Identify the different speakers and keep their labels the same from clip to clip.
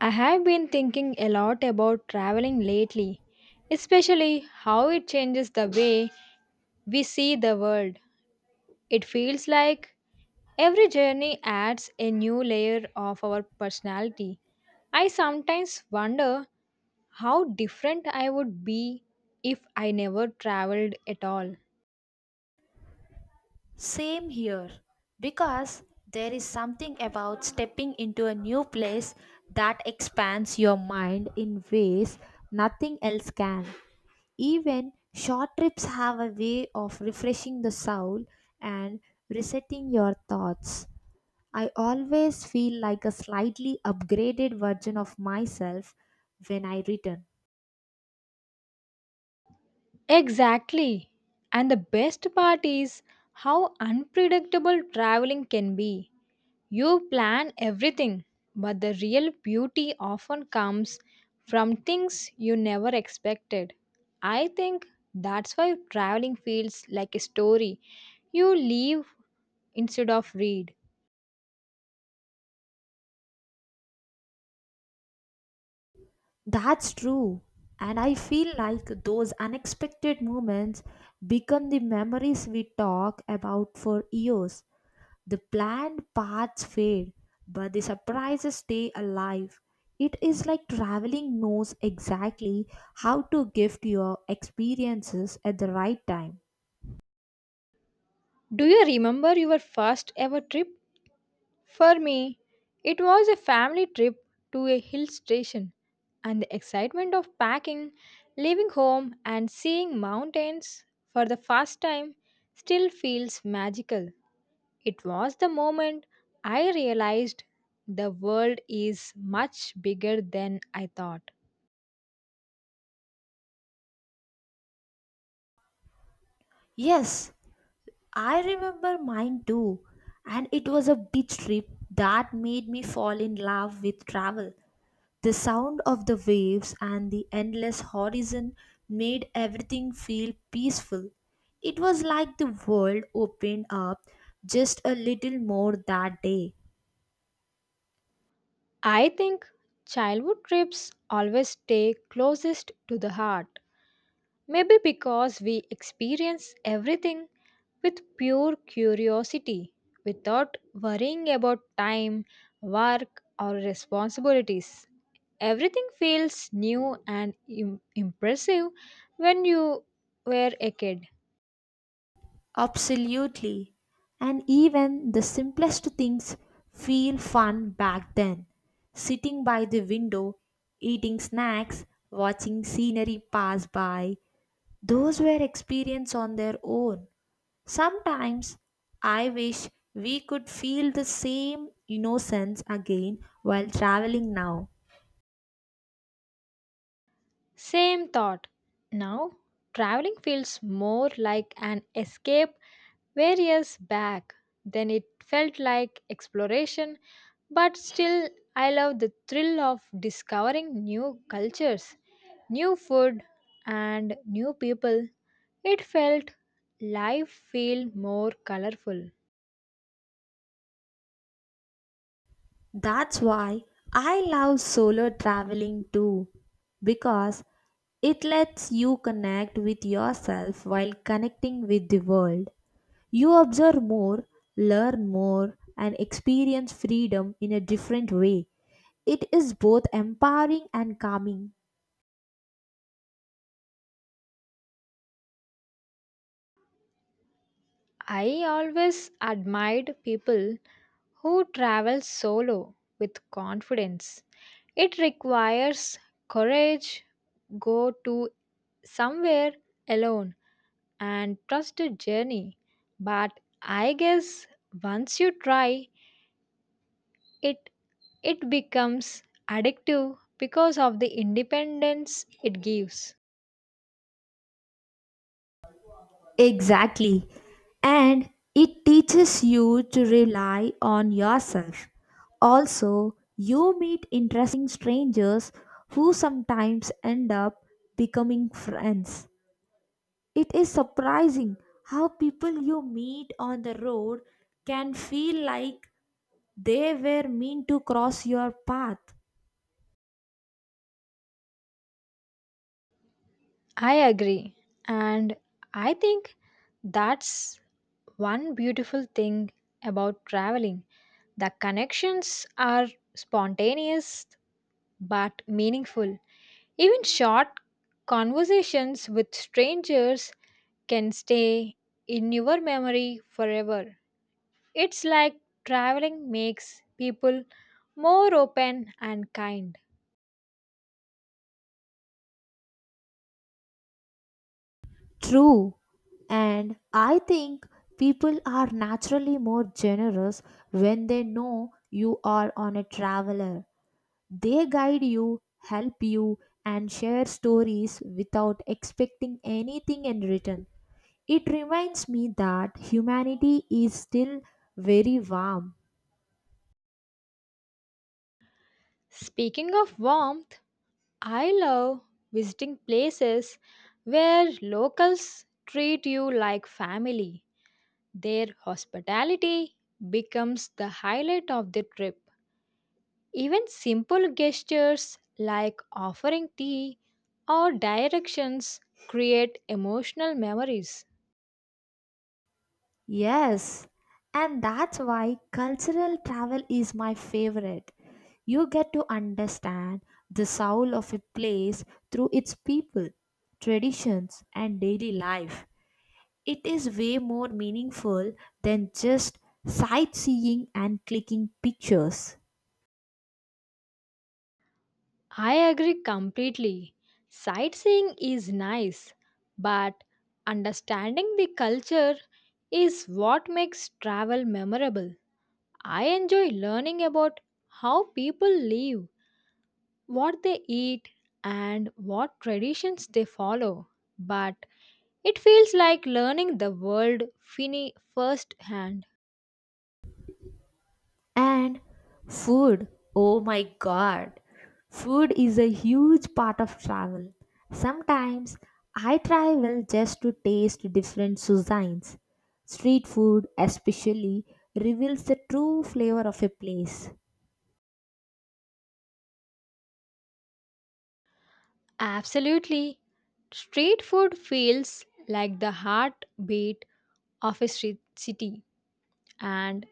Speaker 1: I have been thinking a lot about traveling lately, especially how it changes the way we see the world. It feels like every journey adds a new layer of our personality. I sometimes wonder how different I would be if I never traveled at all.
Speaker 2: Same here, because there is something about stepping into a new place that expands your mind in ways nothing else can. Even short trips have a way of refreshing the soul and resetting your thoughts. I always feel like a slightly upgraded version of myself when I return.
Speaker 1: Exactly. And the best part is how unpredictable traveling can be. You plan everything, but the real beauty often comes from things you never expected. I think that's why traveling feels like a story you live instead of read.
Speaker 2: That's true. And I feel like those unexpected moments become the memories we talk about for years. The planned paths fade, but the surprises stay alive. It is like traveling knows exactly how to gift your experiences at the right time.
Speaker 1: Do you remember your first ever trip? For me, it was a family trip to a hill station, and the excitement of packing, leaving home, and seeing mountains for the first time still feels magical. It was the moment I realized the world is much bigger than I thought.
Speaker 2: Yes, I remember mine too. And it was a beach trip that made me fall in love with travel. The sound of the waves and the endless horizon made everything feel peaceful. It was like the world opened up just a little more that day.
Speaker 1: I think childhood trips always stay closest to the heart. Maybe because we experience everything with pure curiosity without worrying about time, work, or responsibilities. Everything feels new and impressive when you were a kid.
Speaker 2: Absolutely. And even the simplest things feel fun back then. Sitting by the window, eating snacks, watching scenery pass by, those were experience on their own. Sometimes I wish we could feel the same innocence again while traveling now.
Speaker 1: Same thought. Now, traveling feels more like an escape various back than it felt like exploration, but still, I love the thrill of discovering new cultures, new food, and new people. It felt life feel more colorful.
Speaker 2: That's why I love solo traveling too, because it lets you connect with yourself while connecting with the world. You observe more, learn more, and experience freedom in a different way. It is both empowering and calming.
Speaker 1: I always admired people who travel solo with confidence. It requires courage go to somewhere alone and trust the journey. But I guess once you try it it becomes addictive because of the independence it gives.
Speaker 2: Exactly. And it teaches you to rely on yourself. Also, you meet interesting strangers who sometimes end up becoming friends. It is surprising how people you meet on the road can feel like they were meant to cross your path.
Speaker 1: I agree. And I think that's one beautiful thing about traveling. The connections are spontaneous but meaningful. Even short conversations with strangers can stay in your memory forever. It's like traveling makes people more open and kind.
Speaker 2: True. And I think people are naturally more generous when they know you are on a traveler. They guide you, help you, and share stories without expecting anything in return. It reminds me that humanity is still very warm.
Speaker 1: Speaking of warmth, I love visiting places where locals treat you like family. Their hospitality becomes the highlight of the trip. Even simple gestures like offering tea or directions create emotional memories.
Speaker 2: Yes, and that's why cultural travel is my favorite. You get to understand the soul of a place through its people, traditions, and daily life. It is way more meaningful than just sightseeing and clicking pictures.
Speaker 1: I agree completely. Sightseeing is nice, but understanding the culture is what makes travel memorable. I enjoy learning about how people live, what they eat, and what traditions they follow. But it feels like learning the world first hand.
Speaker 2: And food, oh my god, food is a huge part of travel. Sometimes I travel just to taste different cuisines. Street food, especially, reveals the true flavor of a place.
Speaker 1: Absolutely. Street food feels like the heartbeat of a street city, and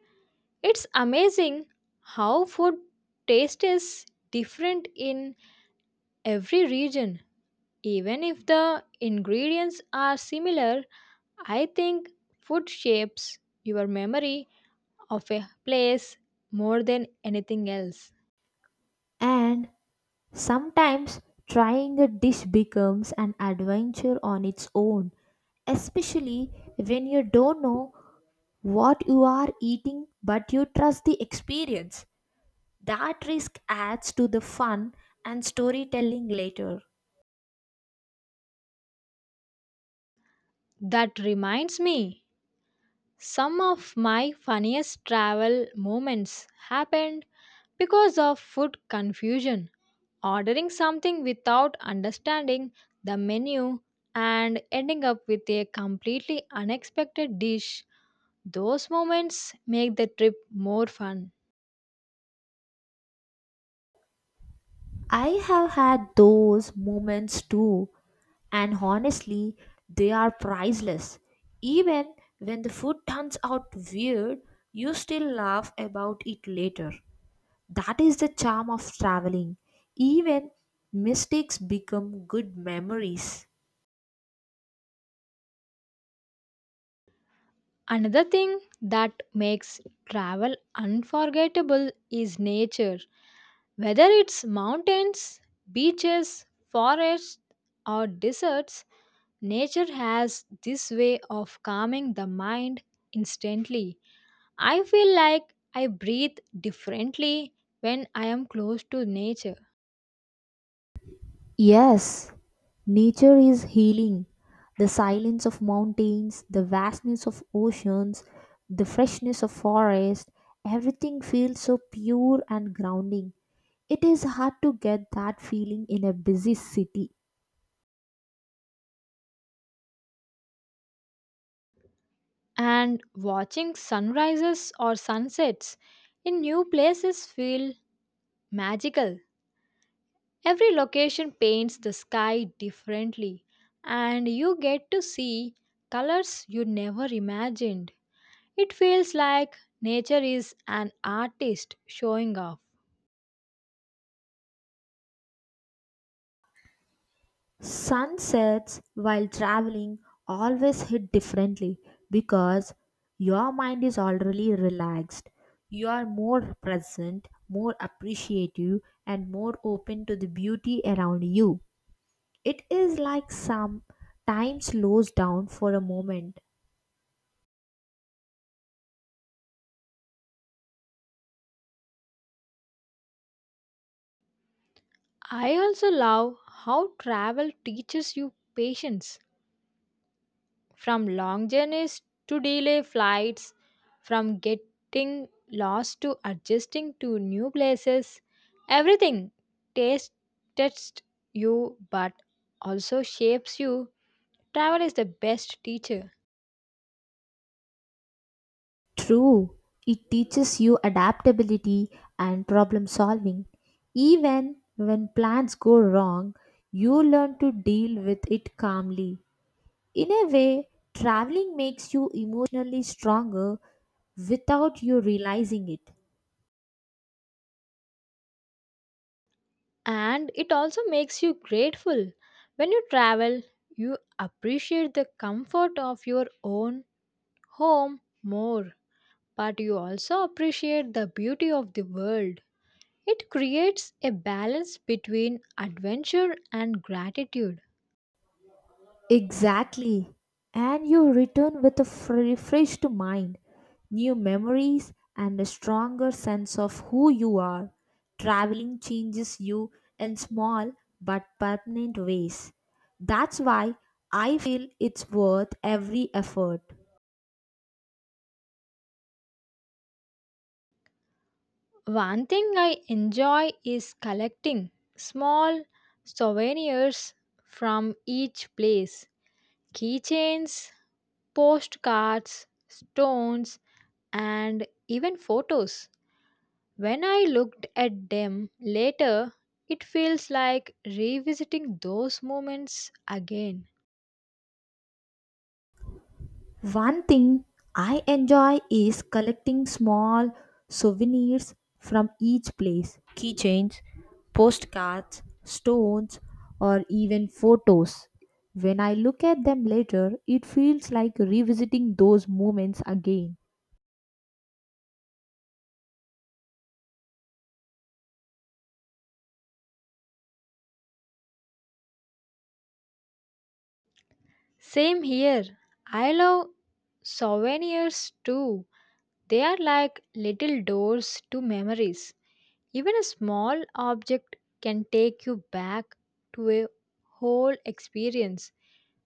Speaker 1: it's amazing how food taste is different in every region. Even if the ingredients are similar, I think food shapes your memory of a place more than anything else.
Speaker 2: And sometimes trying a dish becomes an adventure on its own, especially when you don't know what you are eating but you trust the experience. That risk adds to the fun and storytelling later.
Speaker 1: That reminds me, some of my funniest travel moments happened because of food confusion. Ordering something without understanding the menu and ending up with a completely unexpected dish. Those moments make the trip more fun.
Speaker 2: I have had those moments too, and honestly, they are priceless. Even when the food turns out weird, you still laugh about it later. That is the charm of traveling. Even mistakes become good memories.
Speaker 1: Another thing that makes travel unforgettable is nature. Whether it's mountains, beaches, forests, or deserts, nature has this way of calming the mind instantly. I feel like I breathe differently when I am close to nature.
Speaker 2: Yes, nature is healing. The silence of mountains, the vastness of oceans, the freshness of forest, everything feels so pure and grounding. It is hard to get that feeling in a busy city.
Speaker 1: And watching sunrises or sunsets in new places feel magical. Every location paints the sky differently, and you get to see colors you never imagined. It feels like nature is an artist showing off.
Speaker 2: Sunsets while traveling always hit differently because your mind is already relaxed. You are more present, more appreciative, and more open to the beauty around you. It is like some time slows down for a moment.
Speaker 1: I also love how travel teaches you patience from long journeys to delay flights, from getting lost to adjusting to new places. Everything tastes you but also shapes you. Travel is the best teacher,
Speaker 2: True, it teaches you adaptability and problem solving. Even when plans go wrong, you learn to deal with it calmly. In a way, traveling makes you emotionally stronger without you realizing it.
Speaker 1: and it also makes you grateful. When you travel, you appreciate the comfort of your own home more, but you also appreciate the beauty of the world. It creates a balance between adventure and gratitude.
Speaker 2: Exactly. And you return with a refreshed mind, new memories, and a stronger sense of who you are. Traveling changes you in small but permanent ways. That's why I feel it's worth every effort.
Speaker 1: One thing I enjoy is collecting small souvenirs from each place, keychains, postcards, stones, and even photos. When I looked at them later, it feels like revisiting those moments again.
Speaker 2: One thing I enjoy is collecting small souvenirs from each place keychains, postcards, stones, or even photos. When I look at them later, it feels like revisiting those moments again.
Speaker 1: Same here. I love souvenirs too. They are like little doors to memories. Even a small object can take you back to a whole experience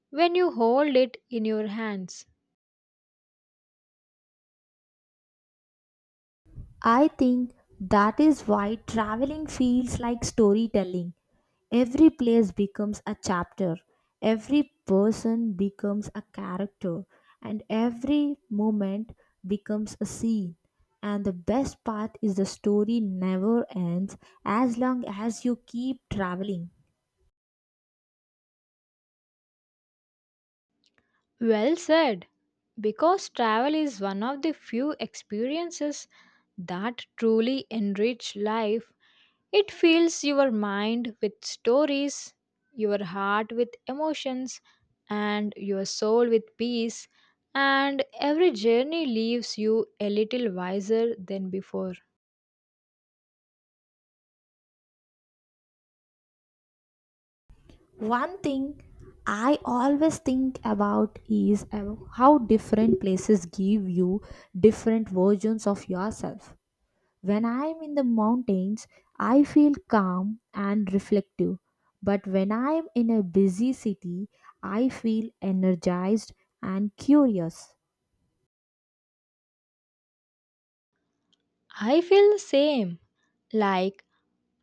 Speaker 1: when you hold it in your hands.
Speaker 2: I think that is why traveling feels like storytelling. Every place becomes a chapter, every person becomes a character, and every moment becomes a scene. And the best part is the story never ends as long as you keep traveling.
Speaker 1: Well said. Because travel is one of the few experiences that truly enrich life, it fills your mind with stories, your heart with emotions, and your soul with peace. And every journey leaves you a little wiser than before.
Speaker 2: One thing I always think about is how different places give you different versions of yourself. When I'm in the mountains, I feel calm and reflective. But when I'm in a busy city, I feel energized and curious.
Speaker 1: I feel the same. Like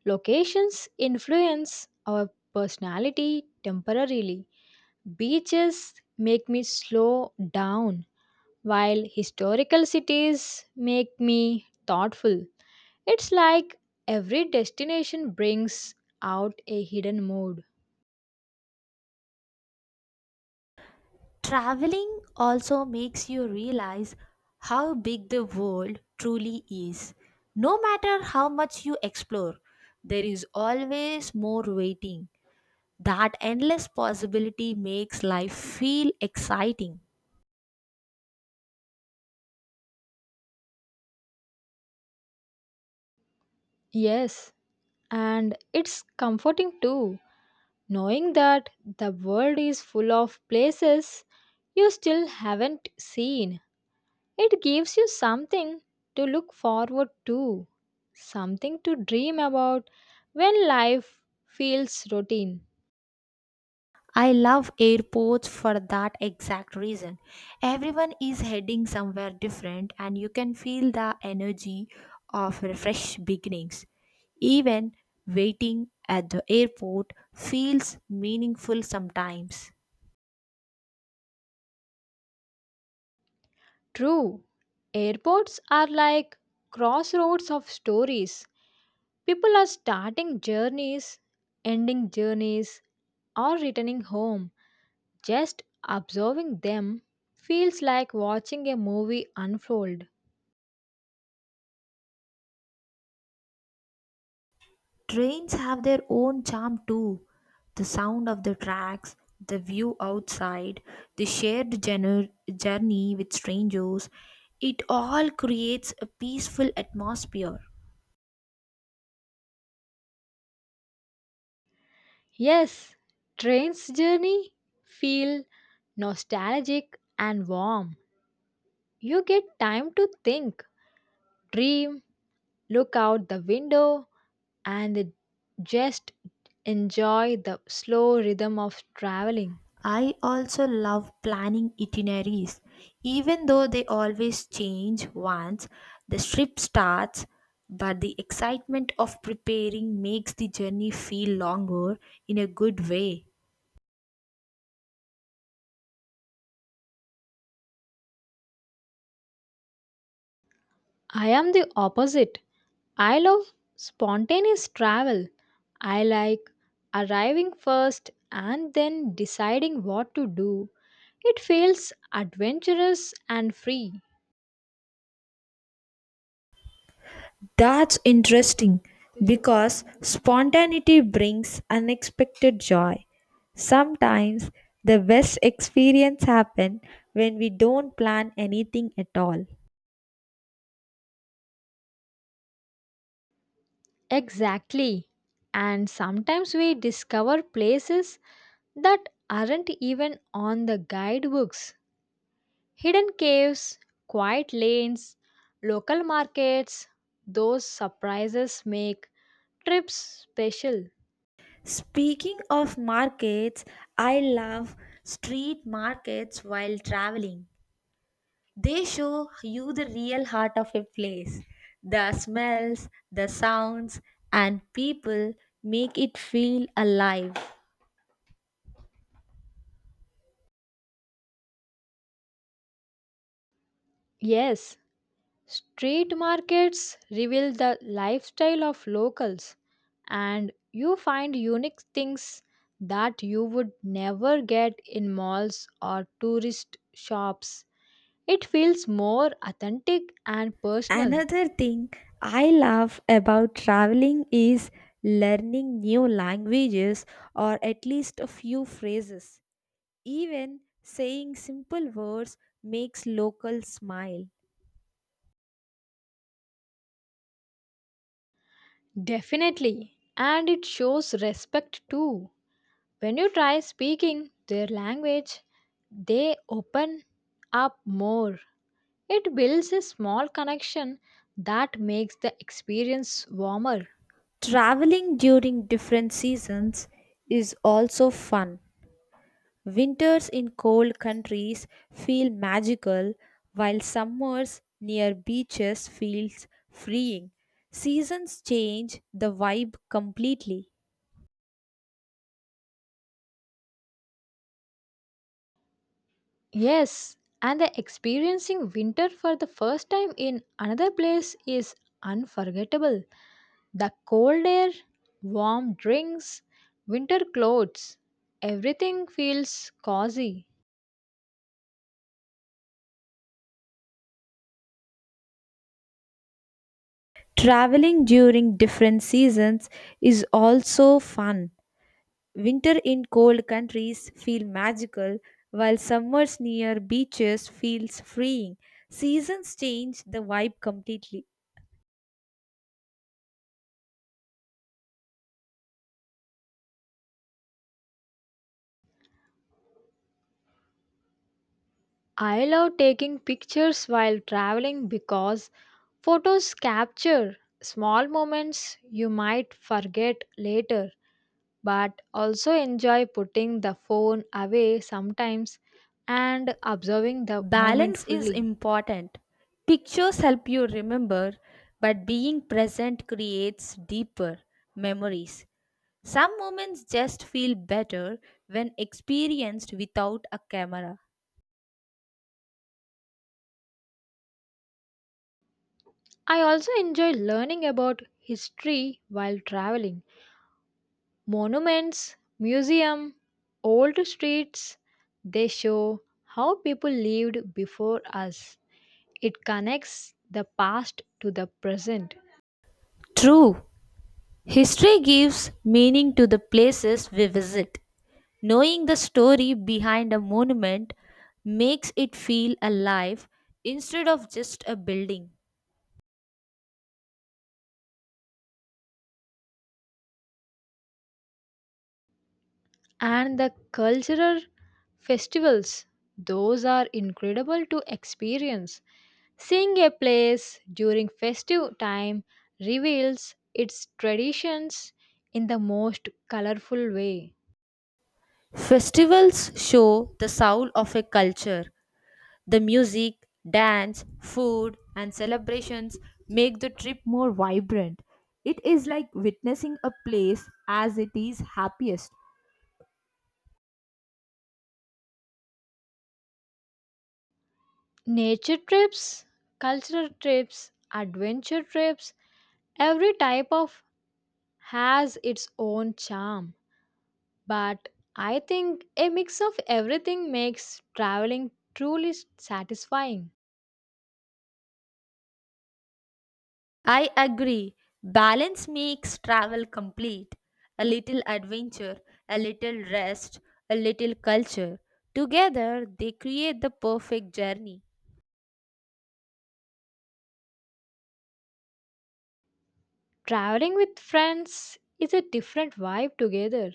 Speaker 1: locations influence our personality temporarily. Beaches make me slow down, while historical cities make me thoughtful. It's like every destination brings out a hidden mood.
Speaker 2: Traveling also makes you realize how big the world truly is. No matter how much you explore, there is always more waiting. That endless possibility makes life feel exciting.
Speaker 1: Yes, and it's comforting too, knowing that the world is full of places you still haven't seen. It gives you something to look forward to, something to dream about when life feels routine.
Speaker 2: I love airports for that exact reason. Everyone is heading somewhere different, and you can feel the energy of fresh beginnings. Even waiting at the airport feels meaningful sometimes.
Speaker 1: True, airports are like crossroads of stories. People are starting journeys, ending journeys, or returning home. Just observing them feels like watching a movie unfold.
Speaker 2: Trains have their own charm too. The sound of the tracks, the view outside, the shared journey with strangers, it all creates a peaceful atmosphere.
Speaker 1: Yes, train's journey feel nostalgic and warm. You get time to think, dream, look out the window, and just enjoy the slow rhythm of traveling.
Speaker 2: I also love planning itineraries. Even though they always change once the trip starts, but the excitement of preparing makes the journey feel longer in a good way.
Speaker 1: I am the opposite. I love spontaneous travel. I like arriving first and then deciding what to do. It feels adventurous and free.
Speaker 2: That's interesting because spontaneity brings unexpected joy. Sometimes the best experience happen when we don't plan anything at all.
Speaker 1: Exactly. And sometimes we discover places that aren't even on the guidebooks. Hidden caves, quiet lanes, local markets, those surprises make trips special.
Speaker 2: Speaking of markets, I love street markets while traveling. They show you the real heart of a place. The smells, the sounds, and people make it feel alive.
Speaker 1: Yes, street markets reveal the lifestyle of locals, and you find unique things that you would never get in malls or tourist shops. It feels more authentic and personal.
Speaker 2: Another thing I love about traveling is learning new languages or at least a few phrases. Even saying simple words makes locals smile.
Speaker 1: Definitely. And it shows respect too. When you try speaking their language, they open up more. It builds a small connection that makes the experience warmer.
Speaker 2: Traveling during different seasons is also fun. Winters in cold countries feel magical while summers near beaches feels freeing. Seasons change the vibe completely.
Speaker 1: Yes, and the experiencing winter for the first time in another place is unforgettable. The cold air, warm drinks, winter clothes, everything feels cozy.
Speaker 2: Traveling during different seasons is also fun. Winter in cold countries feel magical while summers near beaches feels freeing. Seasons change the vibe completely.
Speaker 1: I love taking pictures while traveling because photos capture small moments you might forget later, but also enjoy putting the phone away sometimes and observing the moment
Speaker 2: Balance is
Speaker 1: fully.
Speaker 2: important. Pictures help you remember, but being present creates deeper memories. Some moments just feel better when experienced without a camera.
Speaker 1: I also enjoy learning about history while traveling, monuments, museum, old streets, they show how people lived before us. It connects the past to the present,
Speaker 2: True, history gives meaning to the places we visit. Knowing the story behind a monument makes it feel alive instead of just a building.
Speaker 1: and the cultural festivals, those are incredible to experience. Seeing a place during festive time reveals its traditions in the most colorful way.
Speaker 2: Festivals show the soul of a culture. The music, dance, food, and celebrations make the trip more vibrant. It is like witnessing a place as it is happiest.
Speaker 1: Nature trips, cultural trips, adventure trips, every type of has its own charm. But I think a mix of everything makes traveling truly satisfying.
Speaker 2: I agree. Balance makes travel complete. A little adventure, a little rest, a little culture. Together, they create the perfect journey.
Speaker 1: Traveling with friends is a different vibe together.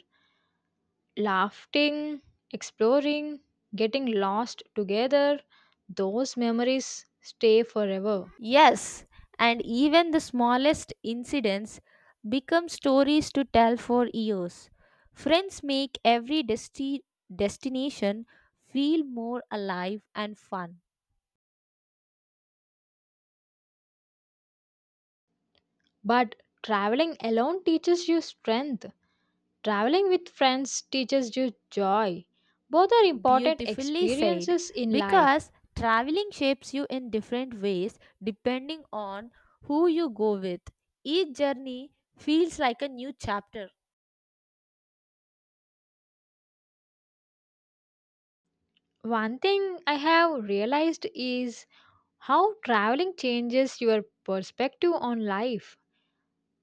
Speaker 1: Laughing, exploring, getting lost together, those memories stay forever.
Speaker 2: Yes, and even the smallest incidents become stories to tell for years. Friends make every destination feel more alive and fun.
Speaker 1: But traveling alone teaches you strength. Traveling with friends teaches you joy. Both are important
Speaker 2: Beautifully said,
Speaker 1: experiences in life.
Speaker 2: because traveling shapes you in different ways depending on who you go with. Each journey feels like a new chapter.
Speaker 1: One thing I have realized is how traveling changes your perspective on life.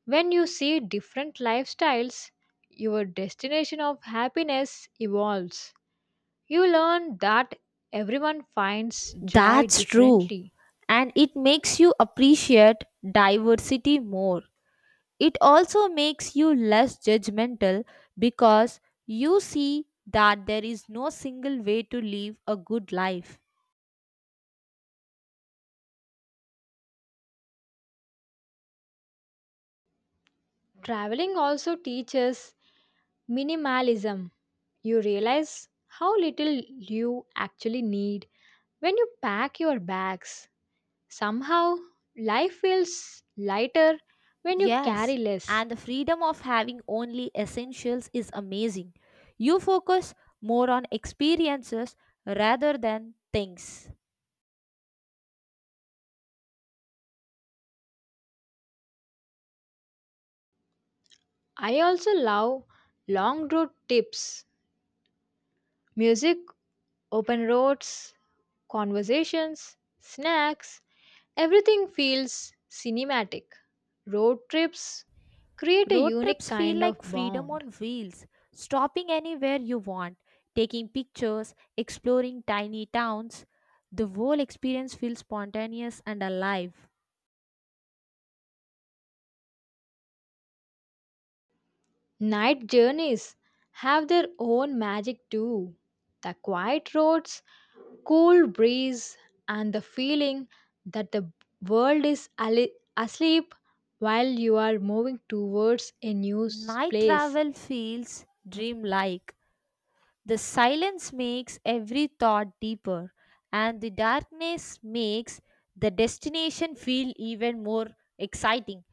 Speaker 1: When you see different lifestyles, your destination of happiness evolves. You learn that everyone finds joy
Speaker 2: That's true,
Speaker 1: differently.
Speaker 2: and it makes you appreciate diversity more. It also makes you less judgmental because you see that there is no single way to live a good life.
Speaker 1: Traveling also teaches minimalism. You realize how little you actually need when you pack your bags. Somehow, life feels lighter when you carry
Speaker 2: Yes,
Speaker 1: less.
Speaker 2: and the freedom of having only essentials is amazing. You focus more on experiences rather than things.
Speaker 1: I also love long road tips, music, open roads, conversations, snacks. Everything feels cinematic. Road trips create a
Speaker 2: Road
Speaker 1: unique
Speaker 2: trips feel
Speaker 1: kind of
Speaker 2: like freedom
Speaker 1: bond.
Speaker 2: on wheels, stopping anywhere you want, taking pictures, exploring tiny towns. The whole experience feels spontaneous and alive.
Speaker 1: Night journeys have their own magic too. The quiet roads, cool breeze, and the feeling that the world is asleep while you are moving towards a new
Speaker 2: Night
Speaker 1: place.
Speaker 2: travel feels dreamlike. The silence makes every thought deeper, and the darkness makes the destination feel even more exciting.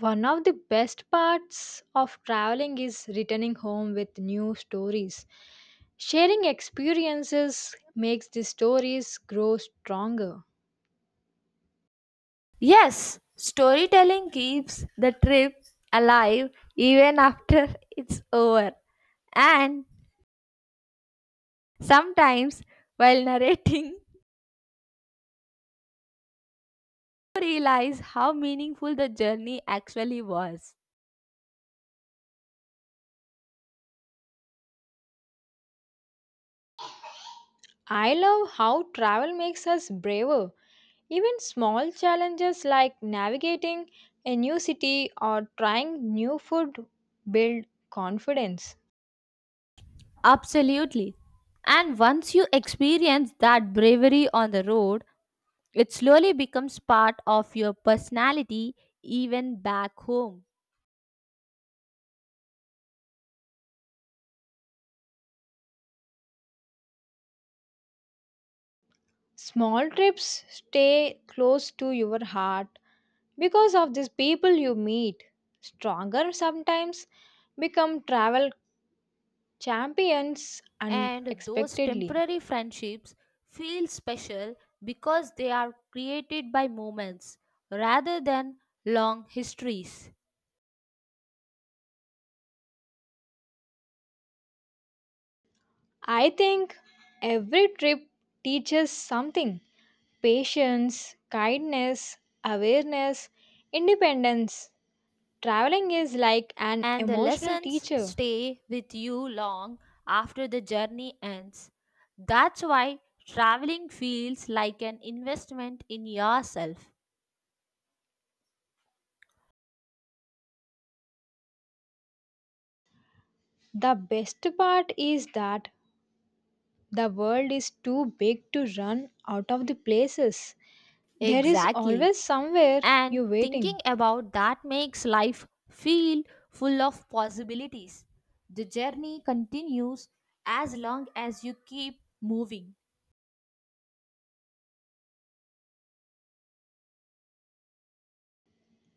Speaker 1: One of the best parts of traveling is returning home with new stories. Sharing experiences makes the stories grow stronger.
Speaker 2: Yes, storytelling keeps the trip alive even after it's over. And sometimes, while narrating, you realize how meaningful the journey actually was.
Speaker 1: I love how travel makes us braver. Even small challenges like navigating a new city or trying new food build confidence.
Speaker 2: Absolutely. And once you experience that bravery on the road, it slowly becomes part of your personality even back home.
Speaker 1: Small trips stay close to your heart because of these people you meet. Stronger sometimes become travel champions
Speaker 2: And those
Speaker 1: unexpectedly.
Speaker 2: temporary friendships feel special because they are created by moments rather than long histories.
Speaker 1: I think every trip teaches something, patience, kindness, awareness, independence. Traveling is like an
Speaker 2: And the
Speaker 1: emotional
Speaker 2: lessons
Speaker 1: teacher.
Speaker 2: stay with you long after the journey ends. That's why traveling feels like an investment in yourself.
Speaker 1: The best part is that the world is too big to run out of the places. There is
Speaker 2: Exactly.
Speaker 1: always somewhere
Speaker 2: And
Speaker 1: you
Speaker 2: thinking
Speaker 1: waiting.
Speaker 2: about that makes life feel full of possibilities. The journey continues as long as you keep moving.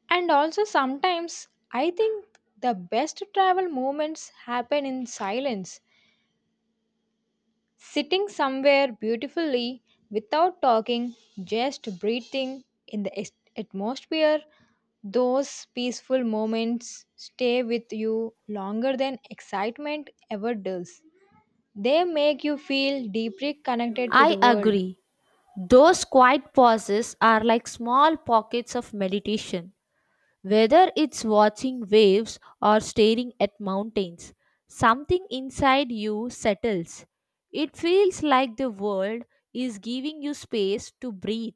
Speaker 1: And also sometimes I think the best travel moments happen in silence. Sitting somewhere beautifully without talking, just breathing in the atmosphere, those peaceful moments stay with you longer than excitement ever does. They make you feel deeply connected to
Speaker 2: I
Speaker 1: the world.
Speaker 2: agree. Those quiet pauses are like small pockets of meditation. Whether it's watching waves or staring at mountains, something inside you settles. It feels like the world is giving you space to breathe.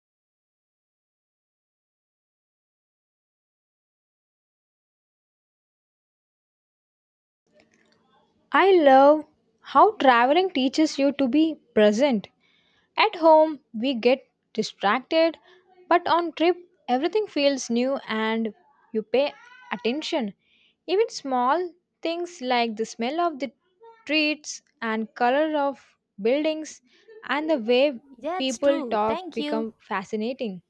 Speaker 1: I love how traveling teaches you to be present. At home, we get distracted, but on trip, everything feels new and you pay attention. Even small things like the smell of the streets and color of buildings and the way
Speaker 2: That's
Speaker 1: people
Speaker 2: true.
Speaker 1: talk
Speaker 2: Thank you.
Speaker 1: become fascinating.